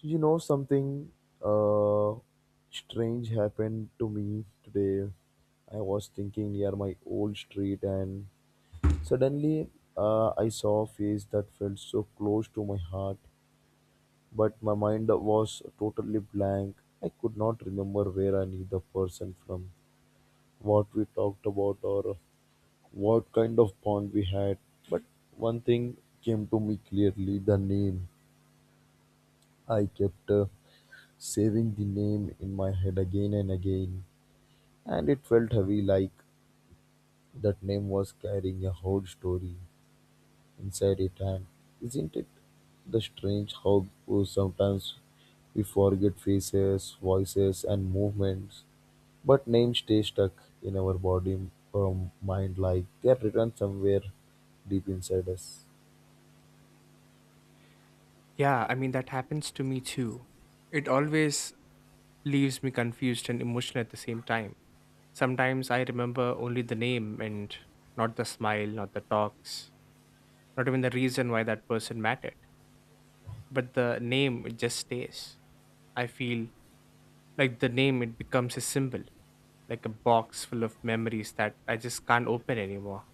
You know, something uh, strange happened to me today. I was thinking near my old street, and suddenly I saw a face that felt so close to my heart, but my mind was totally blank. I could not remember where I knew the person from, what we talked about, or what kind of bond we had. But one thing came to me clearly the name I kept. Saving the name in my head again and again, and it felt heavy like that name was carrying a whole story inside it. And isn't it the strange how sometimes we forget faces, voices, and movements, but names stay stuck in our body or mind like they are written somewhere deep inside us. Yeah, I mean, that happens to me too. It always leaves me confused and emotional at the same time. Sometimes I remember only the name and not the smile, not the talks, not even the reason why that person mattered. But the name, it just stays. I feel like the name, it becomes a symbol, like a box full of memories that I just can't open anymore.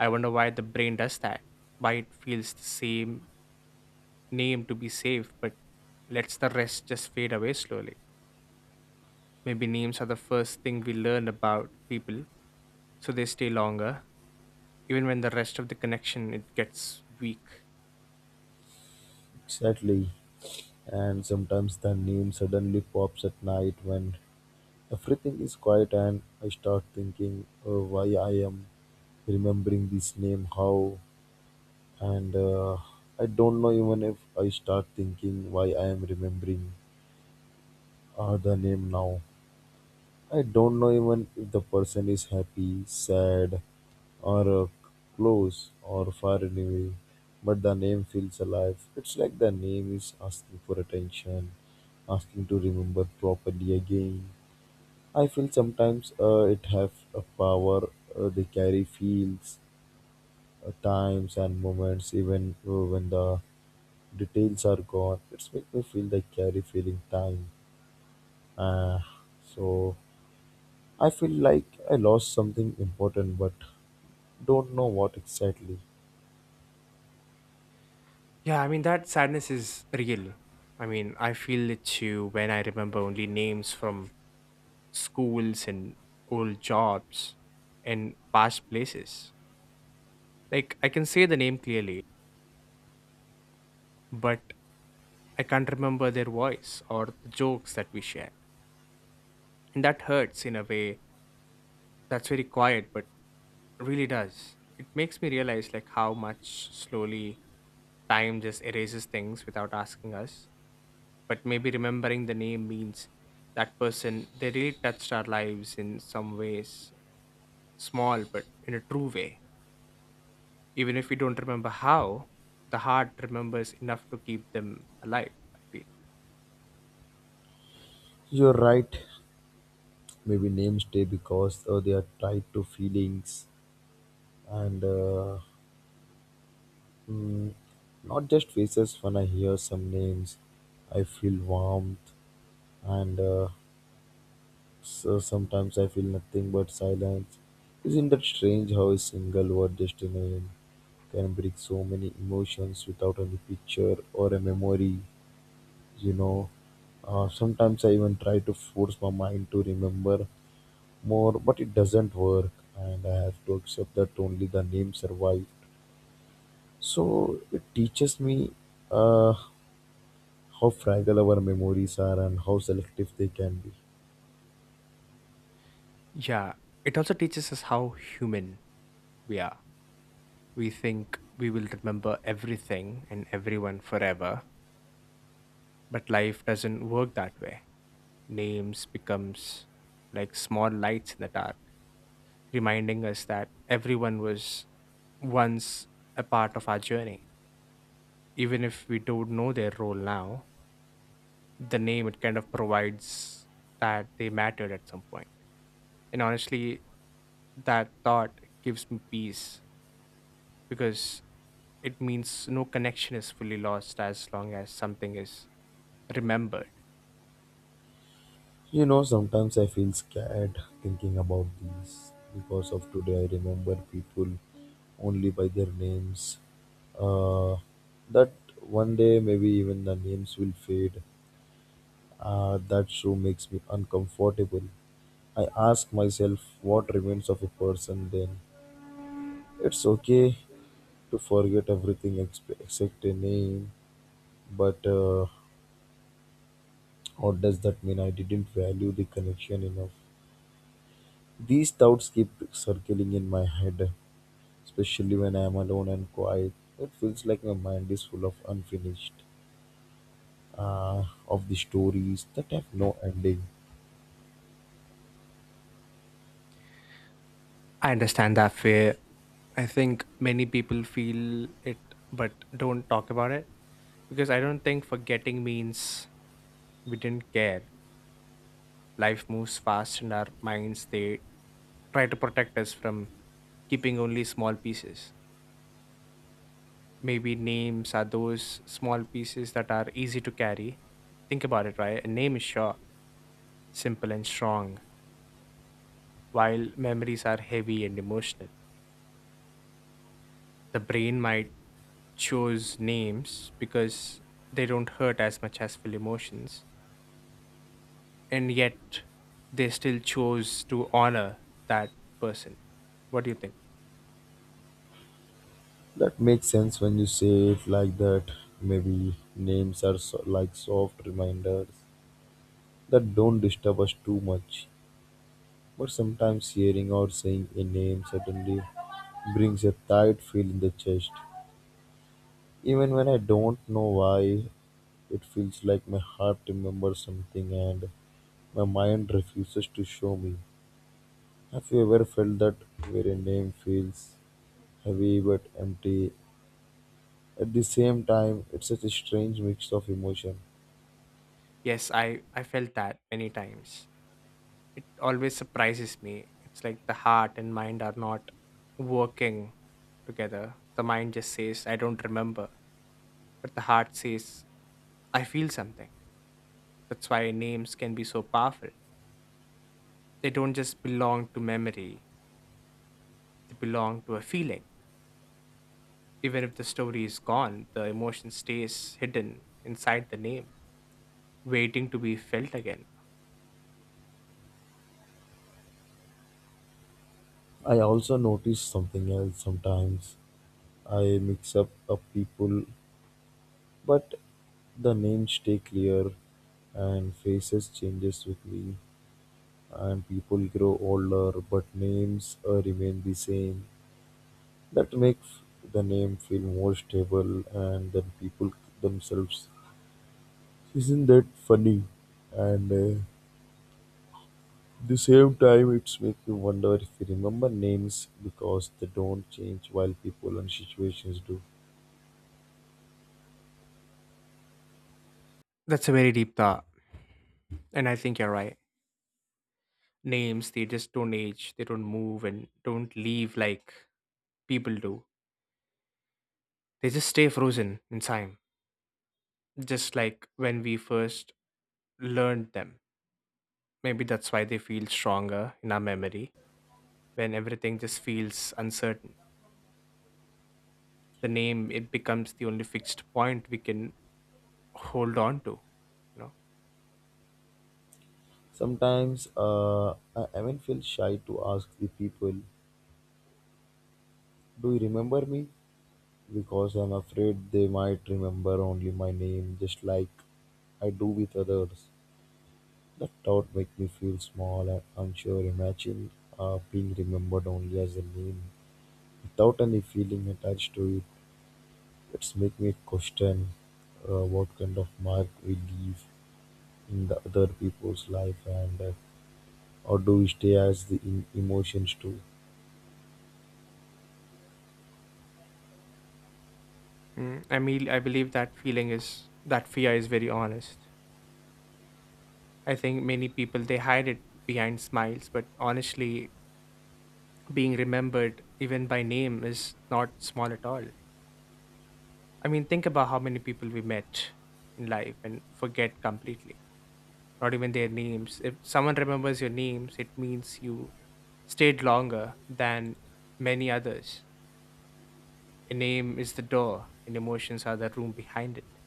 I wonder why the brain does that, why it feels the same name to be safe, but lets the rest just fade away slowly. Maybe names are the first thing we learn about people, so they stay longer, even when the rest of the connection it gets weak. Exactly. And sometimes the name suddenly pops at night when everything is quiet and I start thinking why I am remembering this name, how, and I don't know even if I start thinking why I am remembering the name now. I don't know even if the person is happy, sad, or close or far away, but the name feels alive. It's like the name is asking for attention, asking to remember properly again. I feel sometimes it have a power. They carry feels, times, and moments, even when the details are gone. It's make me feel they carry feeling time. Uh, so I feel like I lost something important, but don't know what exactly. Yeah, I mean that sadness is real. I mean, I feel it too when I remember only names from schools and old jobs and past places. Like I can say the name clearly, but I can't remember their voice or the jokes that we shared. And that hurts in a way that's very quiet but really does. It makes me realize like how much slowly time just erases things without asking us. But maybe remembering the name means that person they really touched our lives in some ways, small but in a true way. Even if we don't remember how, the heart remembers enough to keep them alive, I feel. You're right. Maybe names stay because they are tied to feelings and mm, not just faces. When I hear some names, I feel warmth and so sometimes I feel nothing but silence. Isn't that strange how a single word just a name can bring so many emotions without any picture or a memory, you know? Sometimes I even try to force my mind to remember more, but it doesn't work, and I have to accept that only the name survived. So it teaches me uh, how fragile our memories are and how selective they can be. Yeah. It also teaches us how human we are. We think we will remember everything and everyone forever, but life doesn't work that way names becomes like small lights in the dark, reminding us that everyone was once a part of our journey. Even if we don't know their role now, the name it kind of provides that they mattered at some point. And honestly, that thought gives me peace because it means no connection is fully lost as long as something is remembered. You know, sometimes I feel scared thinking about these because of today I remember people only by their names. Uh, that one day maybe even the names will fade. That show makes me uncomfortable. I ask myself what remains of a person then. It's okay to forget everything except a name, but or does that mean I didn't value the connection enough? These doubts keep circling in my head, especially when I am alone and quiet. It feels like my mind is full of unfinished, of the stories that have no ending. I understand that fear. I think many people feel it but don't talk about it because I don't think forgetting means we didn't care. Life moves fast, and our minds they try to protect us from keeping only small pieces. Maybe names are those small pieces that are easy to carry. Think about it, right? A name is sure, simple and strong, while memories are heavy and emotional. The brain might choose names because they don't hurt as much as full emotions and yet they still chose to honor that person. What do you think? That makes sense when you say it like that. Maybe names are so, like soft reminders that don't disturb us too much. But sometimes hearing or saying a name suddenly brings a tight feel in the chest. Even when I don't know why, it feels like my heart remembers something and my mind refuses to show me. Have you ever felt that where a name feels heavy but empty? At the same time, it's such a strange mix of emotion. Yes, I felt that many times. It always surprises me. It's like the heart and mind are not working together. The mind just says, I don't remember. But the heart says, I feel something. That's why names can be so powerful. They don't just belong to memory, they belong to a feeling. Even if the story is gone, the emotion stays hidden inside the name waiting to be felt again. I also notice something else sometimes. I mix up of people, but the names stay clear and faces changes with me. And people grow older, but names remain the same. That makes the name feel more stable, and then people themselves. Isn't that funny? And The same time, it's make you wonder if you remember names because they don't change while people and situations do. That's a very deep thought. And I think you're right. Names, they just don't age, they don't move and don't leave like people do. They just stay frozen in time, just like when we first learned them. Maybe that's why they feel stronger in our memory when everything just feels uncertain. The name, it becomes the only fixed point we can hold on to, you know? Sometimes I even feel shy to ask the people, "Do you remember me?" Because I'm afraid they might remember only my name just like I do with others. That thought makes me feel small and unsure. Imagine being remembered only as a name without any feeling attached to it. It's make me question what kind of mark we leave in the other people's life and or do we stay as the emotions too? Mm, I mean, I believe that feeling is, that fear is very honest. I think many people they hide it behind smiles, but honestly, being remembered even by name is not small at all. I mean, think about how many people we met in life and forget completely, not even their names. If someone remembers your names, it means you stayed longer than many others. A name is the door, and emotions are the room behind it,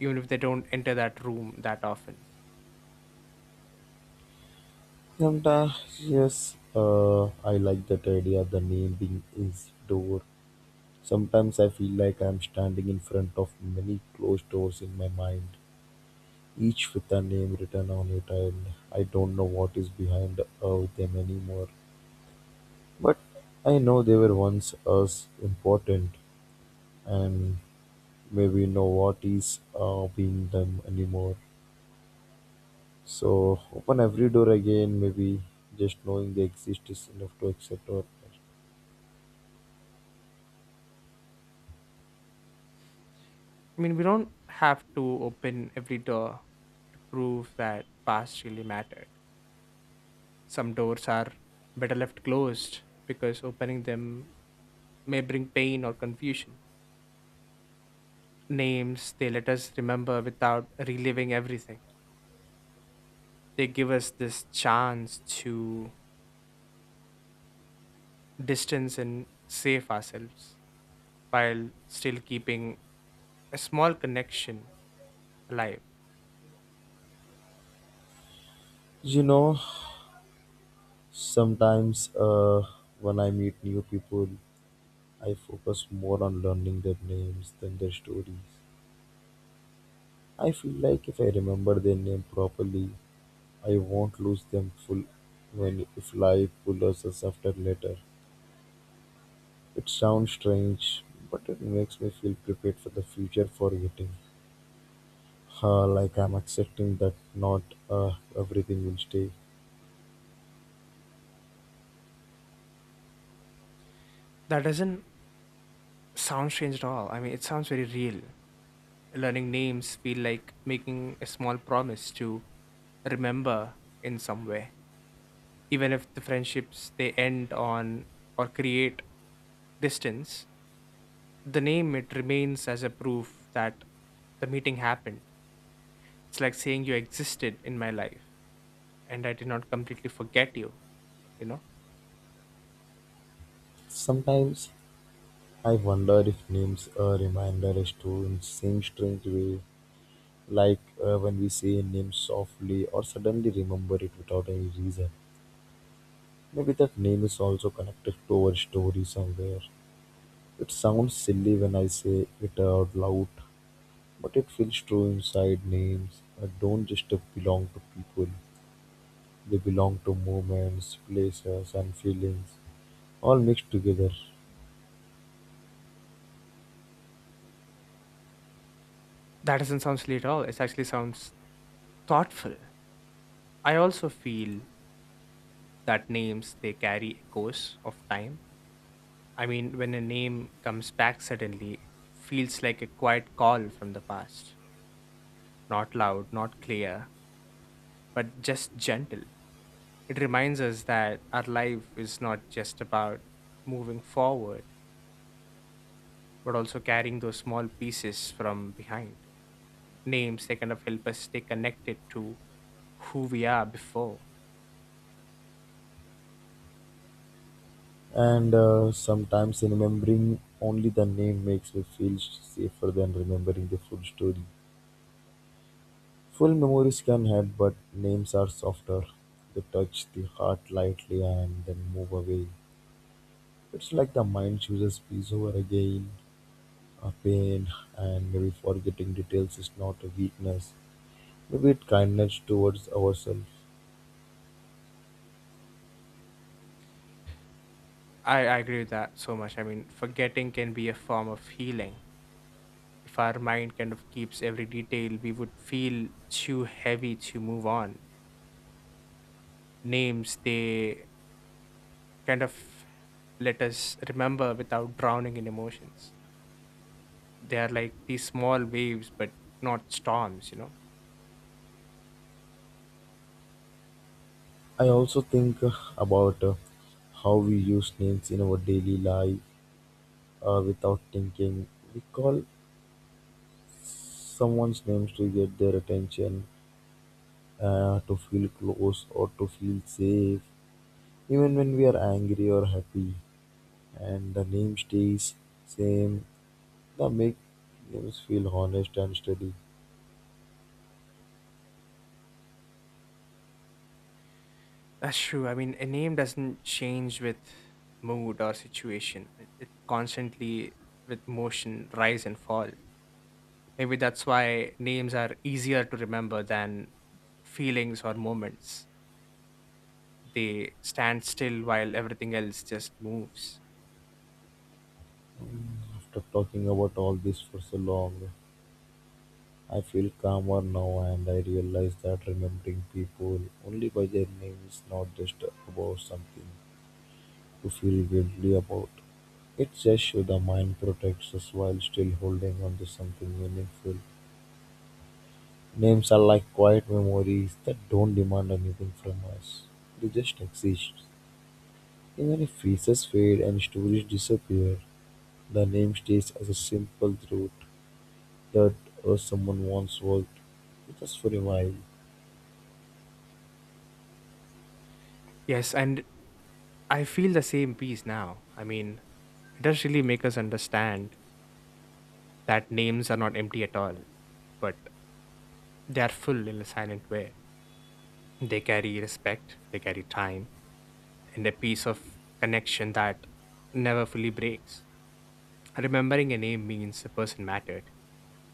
even if they don't enter that room that often. Sometimes, yes, I like that idea, the name being is door. Sometimes I feel like I'm standing in front of many closed doors in my mind, each with a name written on it, and I don't know what is behind of them anymore. But I know they were once as important, and maybe know what is being them anymore. So open every door again, maybe just knowing they exist is enough to accept or I mean, we don't have to open every door to prove that past really mattered. Some doors are better left closed because opening them may bring pain or confusion. Names, they let us remember without reliving everything. They give us this chance to distance and save ourselves while still keeping a small connection alive. you know sometimes when I meet new people I focus more on learning their names than their stories. I feel like if I remember their name properly, I won't lose them full when if life pulls us after later. It sounds strange, but it makes me feel prepared for the future forgetting. Like I'm accepting that not everything will stay. That doesn't sound strange at all. I mean, it sounds very real. Learning names feel like making a small promise to remember in some way. Even if the friendships they end on or create distance, the name it remains as a proof that the meeting happened. It's like saying you existed in my life and I did not completely forget you, you know? Sometimes I wonder if names are reminder us to in same strange way like when we say a name softly or suddenly remember it without any reason. Maybe that name is also connected to our story somewhere. It sounds silly when I say it out loud, but it feels true inside names that don't just belong to people, they belong to moments, places, and feelings, all mixed together. That doesn't sound silly at all. It actually sounds thoughtful. I also feel that names they carry echoes of time. I mean, when a name comes back suddenly, it feels like a quiet call from the past. Not loud, not clear, but just gentle. It reminds us that our life is not just about moving forward, but also carrying those small pieces from behind. Names, they kind of help us stay connected to who we are before. And sometimes remembering only the name makes me feel safer than remembering the full story. Full memories can hurt, but names are softer. They touch the heart lightly and then move away. It's like the mind chooses peace over again, a pain, and maybe forgetting details is not a weakness. Maybe it's kindness towards ourselves. I agree with that so much. I mean, forgetting can be a form of healing. If our mind kind of keeps every detail, we would feel too heavy to move on names they kind of let us remember without drowning in emotions. They are like these small waves, but not storms, you know? I also think about how we use names in our daily life without thinking. We call someone's names to get their attention, to feel close, or to feel safe. Even when we are angry or happy and the name stays same, the make names feel honest and steady. That's true. I mean, a name doesn't change with mood or situation, it constantly with emotion rise and fall. Maybe that's why names are easier to remember than feelings or moments. They stand still while everything else just moves. After talking about all this for so long, I feel calmer now and I realize that remembering people only by their name is not just about something to feel guilty about. It says show the mind protects us while still holding on to something meaningful. Names are like quiet memories that don't demand anything from us. They just exist. Even if faces fade and stories disappear, the name stays as a simple truth that someone once worked with us for a while. Yes, and I feel the same peace now. I mean, it does really make us understand that names are not empty at all, but they are full in a silent way. They carry respect, they carry time, and a piece of connection that never fully breaks. Remembering a name means the person mattered,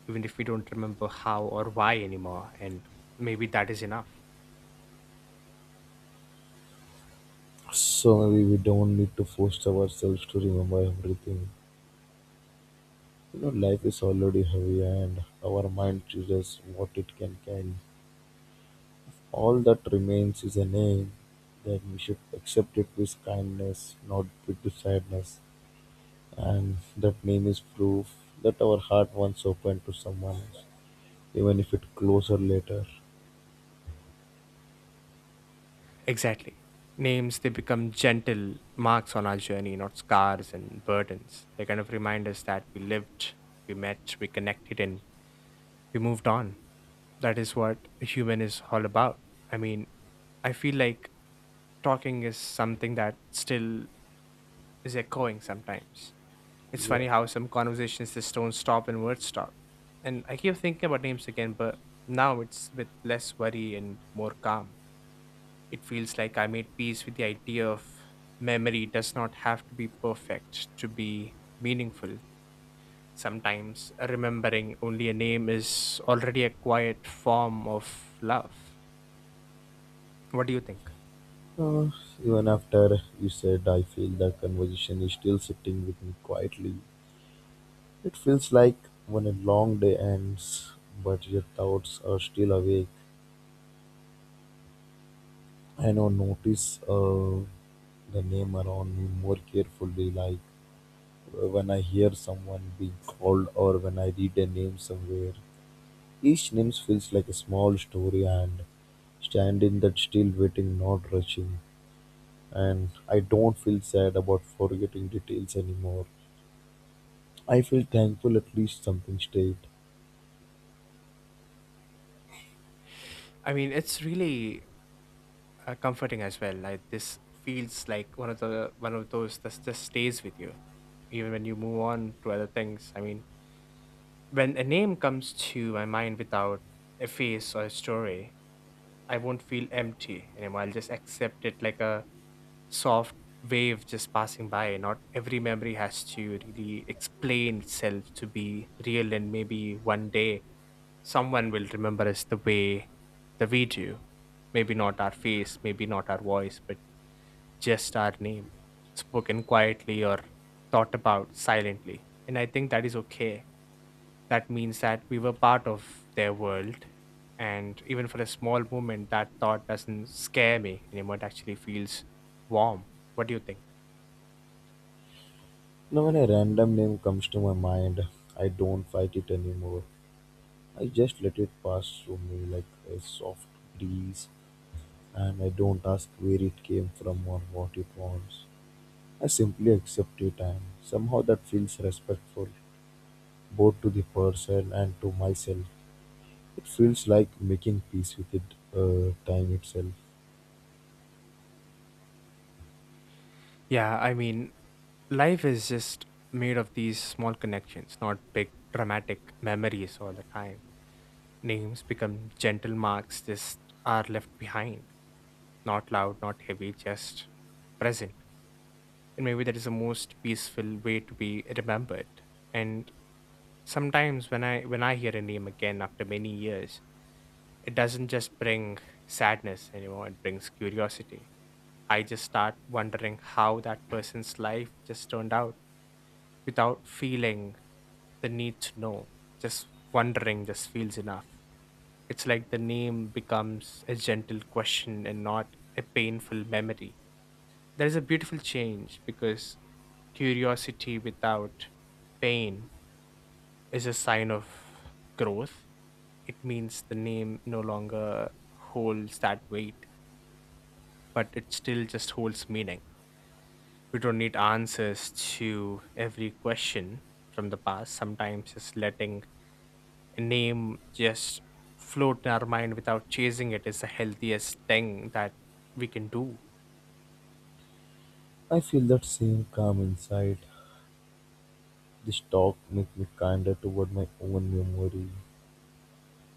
even if we don't remember how or why anymore, and maybe that is enough. So maybe we don't need to force ourselves to remember everything. You know, life is already heavy and our mind chooses what it can carry. All that remains is a name that we should accept it with kindness, not with the sadness. And that name is proof that our heart once opened to someone else. Even if it closer later. Exactly. Names, they become gentle marks on our journey, not scars and burdens. They kind of remind us that we lived, we met, we connected, and we moved on. That is what a human is all about. I mean, I feel like talking is something that still is echoing sometimes. It's Yeah. funny how some conversations just don't stop and words stop. And I keep thinking about names again, but now it's with less worry and more calm. It feels like I made peace with the idea of memory does not have to be perfect to be meaningful. Sometimes remembering only a name is already a quiet form of love. What do you think? Uh, Even after you said, I feel that conversation is still sitting with me quietly. It feels like when a long day ends, but your thoughts are still awake. I now notice the name around me more carefully, like when I hear someone being called or when I read a name somewhere. Each name feels like a small story and stand in that still waiting, not rushing. And I don't feel sad about forgetting details anymore. I feel thankful at least something stayed. I mean, it's really comforting as well. Like this feels like one of those that just stays with you, even when you move on to other things. I mean, when a name comes to my mind without a face or a story, I won't feel empty anymore. I'll just accept it like a soft wave just passing by. Not every memory has to really explain itself to be real, and maybe one day someone will remember us the way that we do. Maybe not our face, maybe not our voice, but just our name, spoken quietly or thought about silently. And I think that is okay. That means that we were part of their world. And even for a small moment, that thought doesn't scare me anymore. It actually feels warm. What do you think? Now, when a random name comes to my mind, I don't fight it anymore. I just let it pass through me like a soft breeze, and I don't ask where it came from or what it wants. I simply accept it, and somehow that feels respectful, both to the person and to myself. It feels like making peace with it, time itself. Yeah, I mean, life is just made of these small connections, not big dramatic memories all the time. Names become gentle marks, just are left behind. Not loud, not heavy, just present. And maybe that is the most peaceful way to be remembered. And sometimes when I hear a name again after many years, it doesn't just bring sadness anymore, it brings curiosity. I just start wondering how that person's life just turned out without feeling the need to know. Just wondering just feels enough. It's like the name becomes a gentle question and not a painful memory. There is a beautiful change because curiosity without pain is a sign of growth. It means the name no longer holds that weight, but it still just holds meaning. We don't need answers to every question from the past. Sometimes just letting name just float in our mind without chasing it is the healthiest thing that we can do. I feel that same calm inside. This talk makes me kinder toward my own memory.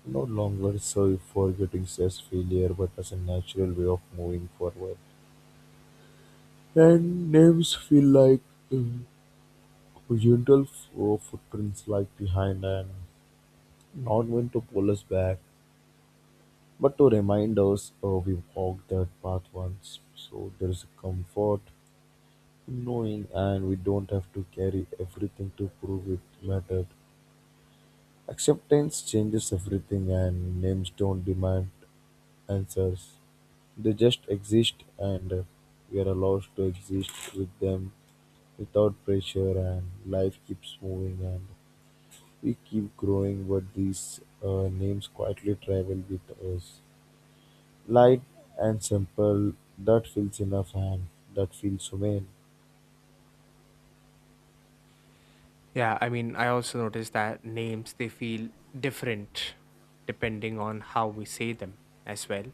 No longer sorry for getting says failure, but as a natural way of moving forward. And names feel like um, gentle footprints like behind and not meant to pull us back, but to remind us we walked that path once. So there is a comfort in knowing, and we don't have to carry everything to prove it mattered. Acceptance changes everything, and names don't demand answers. They just exist, and we are allowed to exist with them without pressure. And life keeps moving, and we keep growing. But these names quietly travel with us, light and simple. That feels enough, and that feels humane. Yeah, I mean, I also noticed that names they feel different depending on how we say them as well.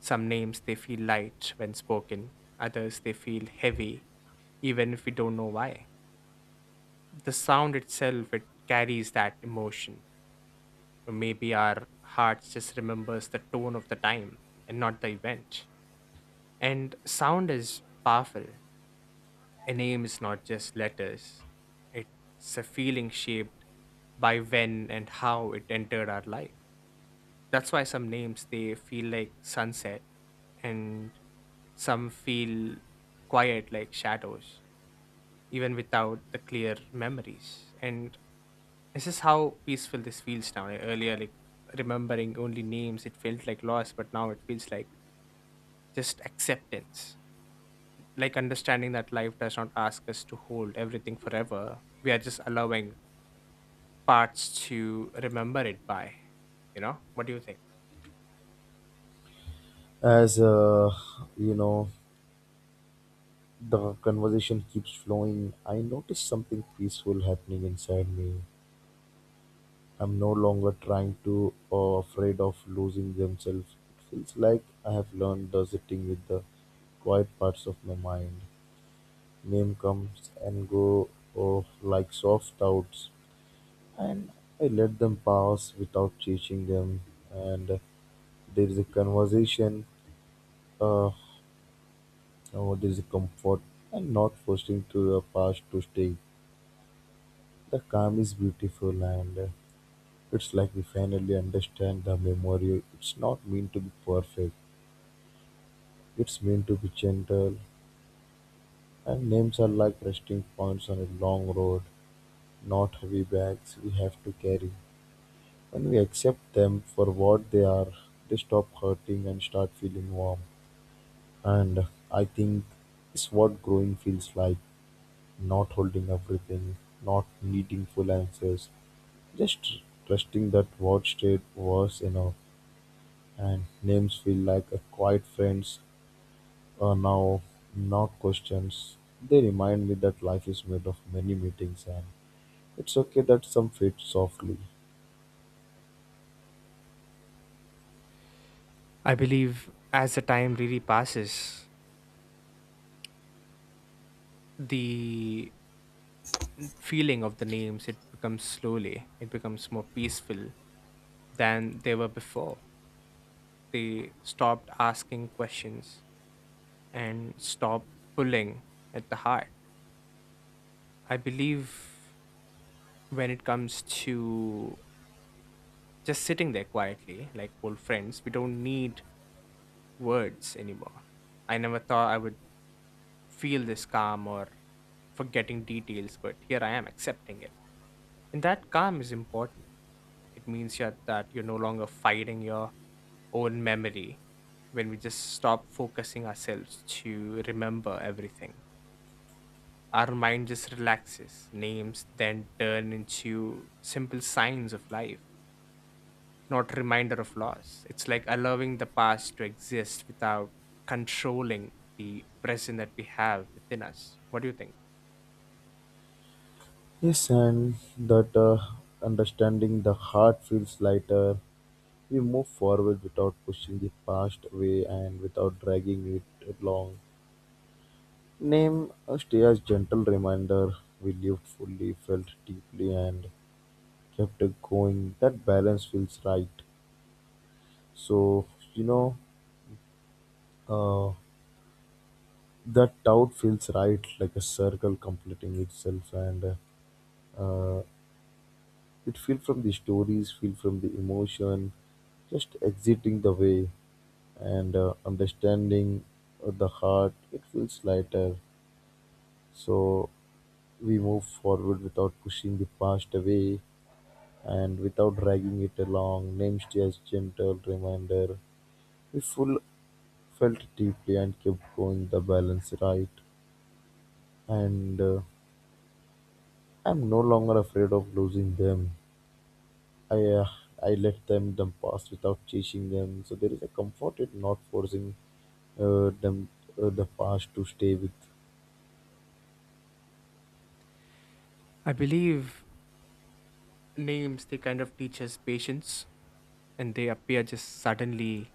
Some names they feel light when spoken, others they feel heavy even if we don't know why. The sound itself it carries that emotion. Or maybe our hearts just remembers the tone of the time and not the event. And sound is powerful. A name is not just letters, it's a feeling shaped by when and how it entered our life. That's why some names they feel like sunset and some feel quiet like shadows, even without the clear memories. And this is how peaceful this feels now. Like, earlier, like remembering only names, it felt like loss, but now it feels like just acceptance. Like understanding that life does not ask us to hold everything forever. We are just allowing parts to remember it by, you know? What do you think? As you know, the conversation keeps flowing. I notice something peaceful happening inside me. I'm no longer trying to or afraid of losing themselves. It feels like I have learned the sitting with the quiet parts of my mind. Name comes and go oh, like soft doubts, and I let them pass without chasing them. And there is a conversation, uh, oh, there is a comfort, and not forcing to the past to stay. The calm is beautiful, and it's like we finally understand the memory. It's not meant to be perfect. It's meant to be gentle, and names are like resting points on a long road, not heavy bags we have to carry. When we accept them for what they are, they stop hurting and start feeling warm. And I think it's what growing feels like not holding everything, not needing full answers, just trusting that what stayed was enough. And names feel like a quiet friends. Now, not questions. They remind me that life is made of many meetings, and it's okay that some fade softly. I believe as the time really passes, the feeling of the names it becomes slowly, it becomes more peaceful than they were before. They stopped asking questions and stopped pulling at the heart. I believe when it comes to just sitting there quietly like old friends. We don't need words anymore. I never thought I would feel this calm or forgetting details, but here I am accepting it. And that calm is important. It means yeah, that you're no longer fighting your own memory when we just stop focusing ourselves to remember everything. Our mind just relaxes. Names then turn into simple signs of life, not reminder of loss. It's like allowing the past to exist without controlling the present that we have within us. What do you think? Yes, and that understanding the heart feels lighter. We move forward without pushing the past away and without dragging it along. Name a stay as gentle reminder. We lived fully, felt deeply, and kept it going. That balance feels right. So, you know, uh, that doubt feels right like a circle completing itself and uh, it feel from the stories feel from the emotion just exiting the way and understanding of the heart it feels lighter so we move forward without pushing the past away and without dragging it along names as gentle reminder we full felt deeply and kept going the balance right and I'm no longer afraid of losing them. I uh, I let them pass without chasing them. So there is a comfort in not forcing uh, them the past to stay with. I believe names they kind of teach us patience and they appear just suddenly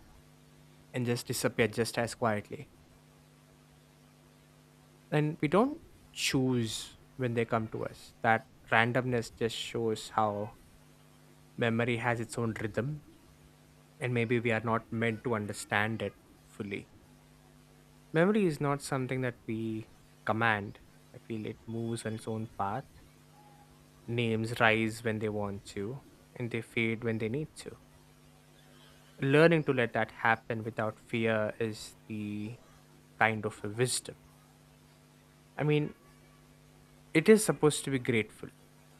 and just disappear just as quietly. And we don't choose when they come to us. That randomness just shows how memory has its own rhythm and maybe we are not meant to understand it fully. Memory is not something that we command. I feel it moves on its own path. Names rise when they want to, and they fade when they need to. Learning to let that happen without fear is the kind of a wisdom. I mean, it is supposed to be grateful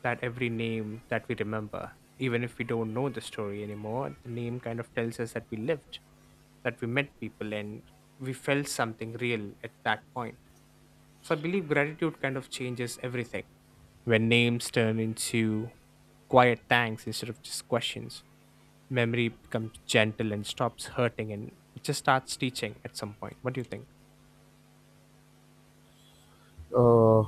that every name that we remember, even if we don't know the story anymore, the name kind of tells us that we lived, that we met people, and we felt something real at that point. So I believe gratitude kind of changes everything when names turn into quiet thanks instead of just questions. Memory becomes gentle and stops hurting and it just starts teaching at some point. What do you think? Uh,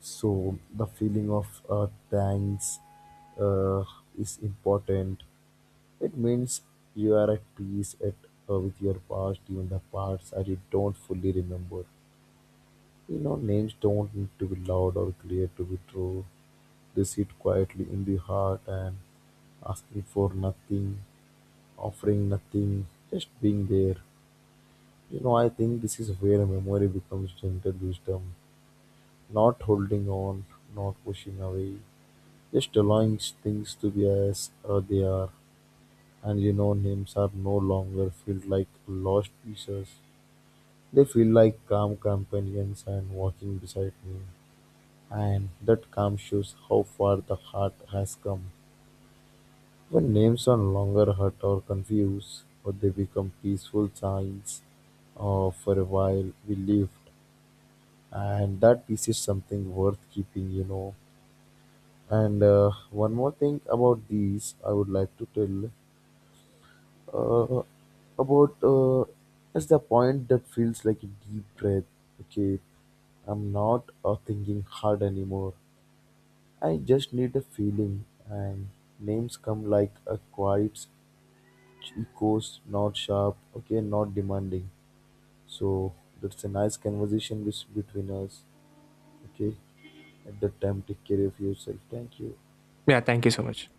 so the feeling of thanks uh, is important. It means you are at peace at with your past, even the parts that you don't fully remember. You know, names don't need to be loud or clear to be true. They sit quietly in the heart and asking for nothing, offering nothing, just being there. You know, I think this is where memory becomes gentle wisdom, not holding on, not pushing away, just allowing things to be as they are. And you know, names are no longer feel like lost pieces. They feel like calm companions and walking beside me. And that calm shows how far the heart has come. When names no longer hurt or confuse, but they become peaceful signs of for a while we lived. And that piece is something worth keeping, you know. And one more thing about these, I would like to tell uh, about is the point that feels like a deep breath. Okay, I'm not thinking hard anymore. I just need a feeling, and names come like a quiet echoes, not sharp, okay, not demanding. So that's a nice conversation with, between us, okay, at the time. Take care of yourself. Thank you. Yeah, thank you so much.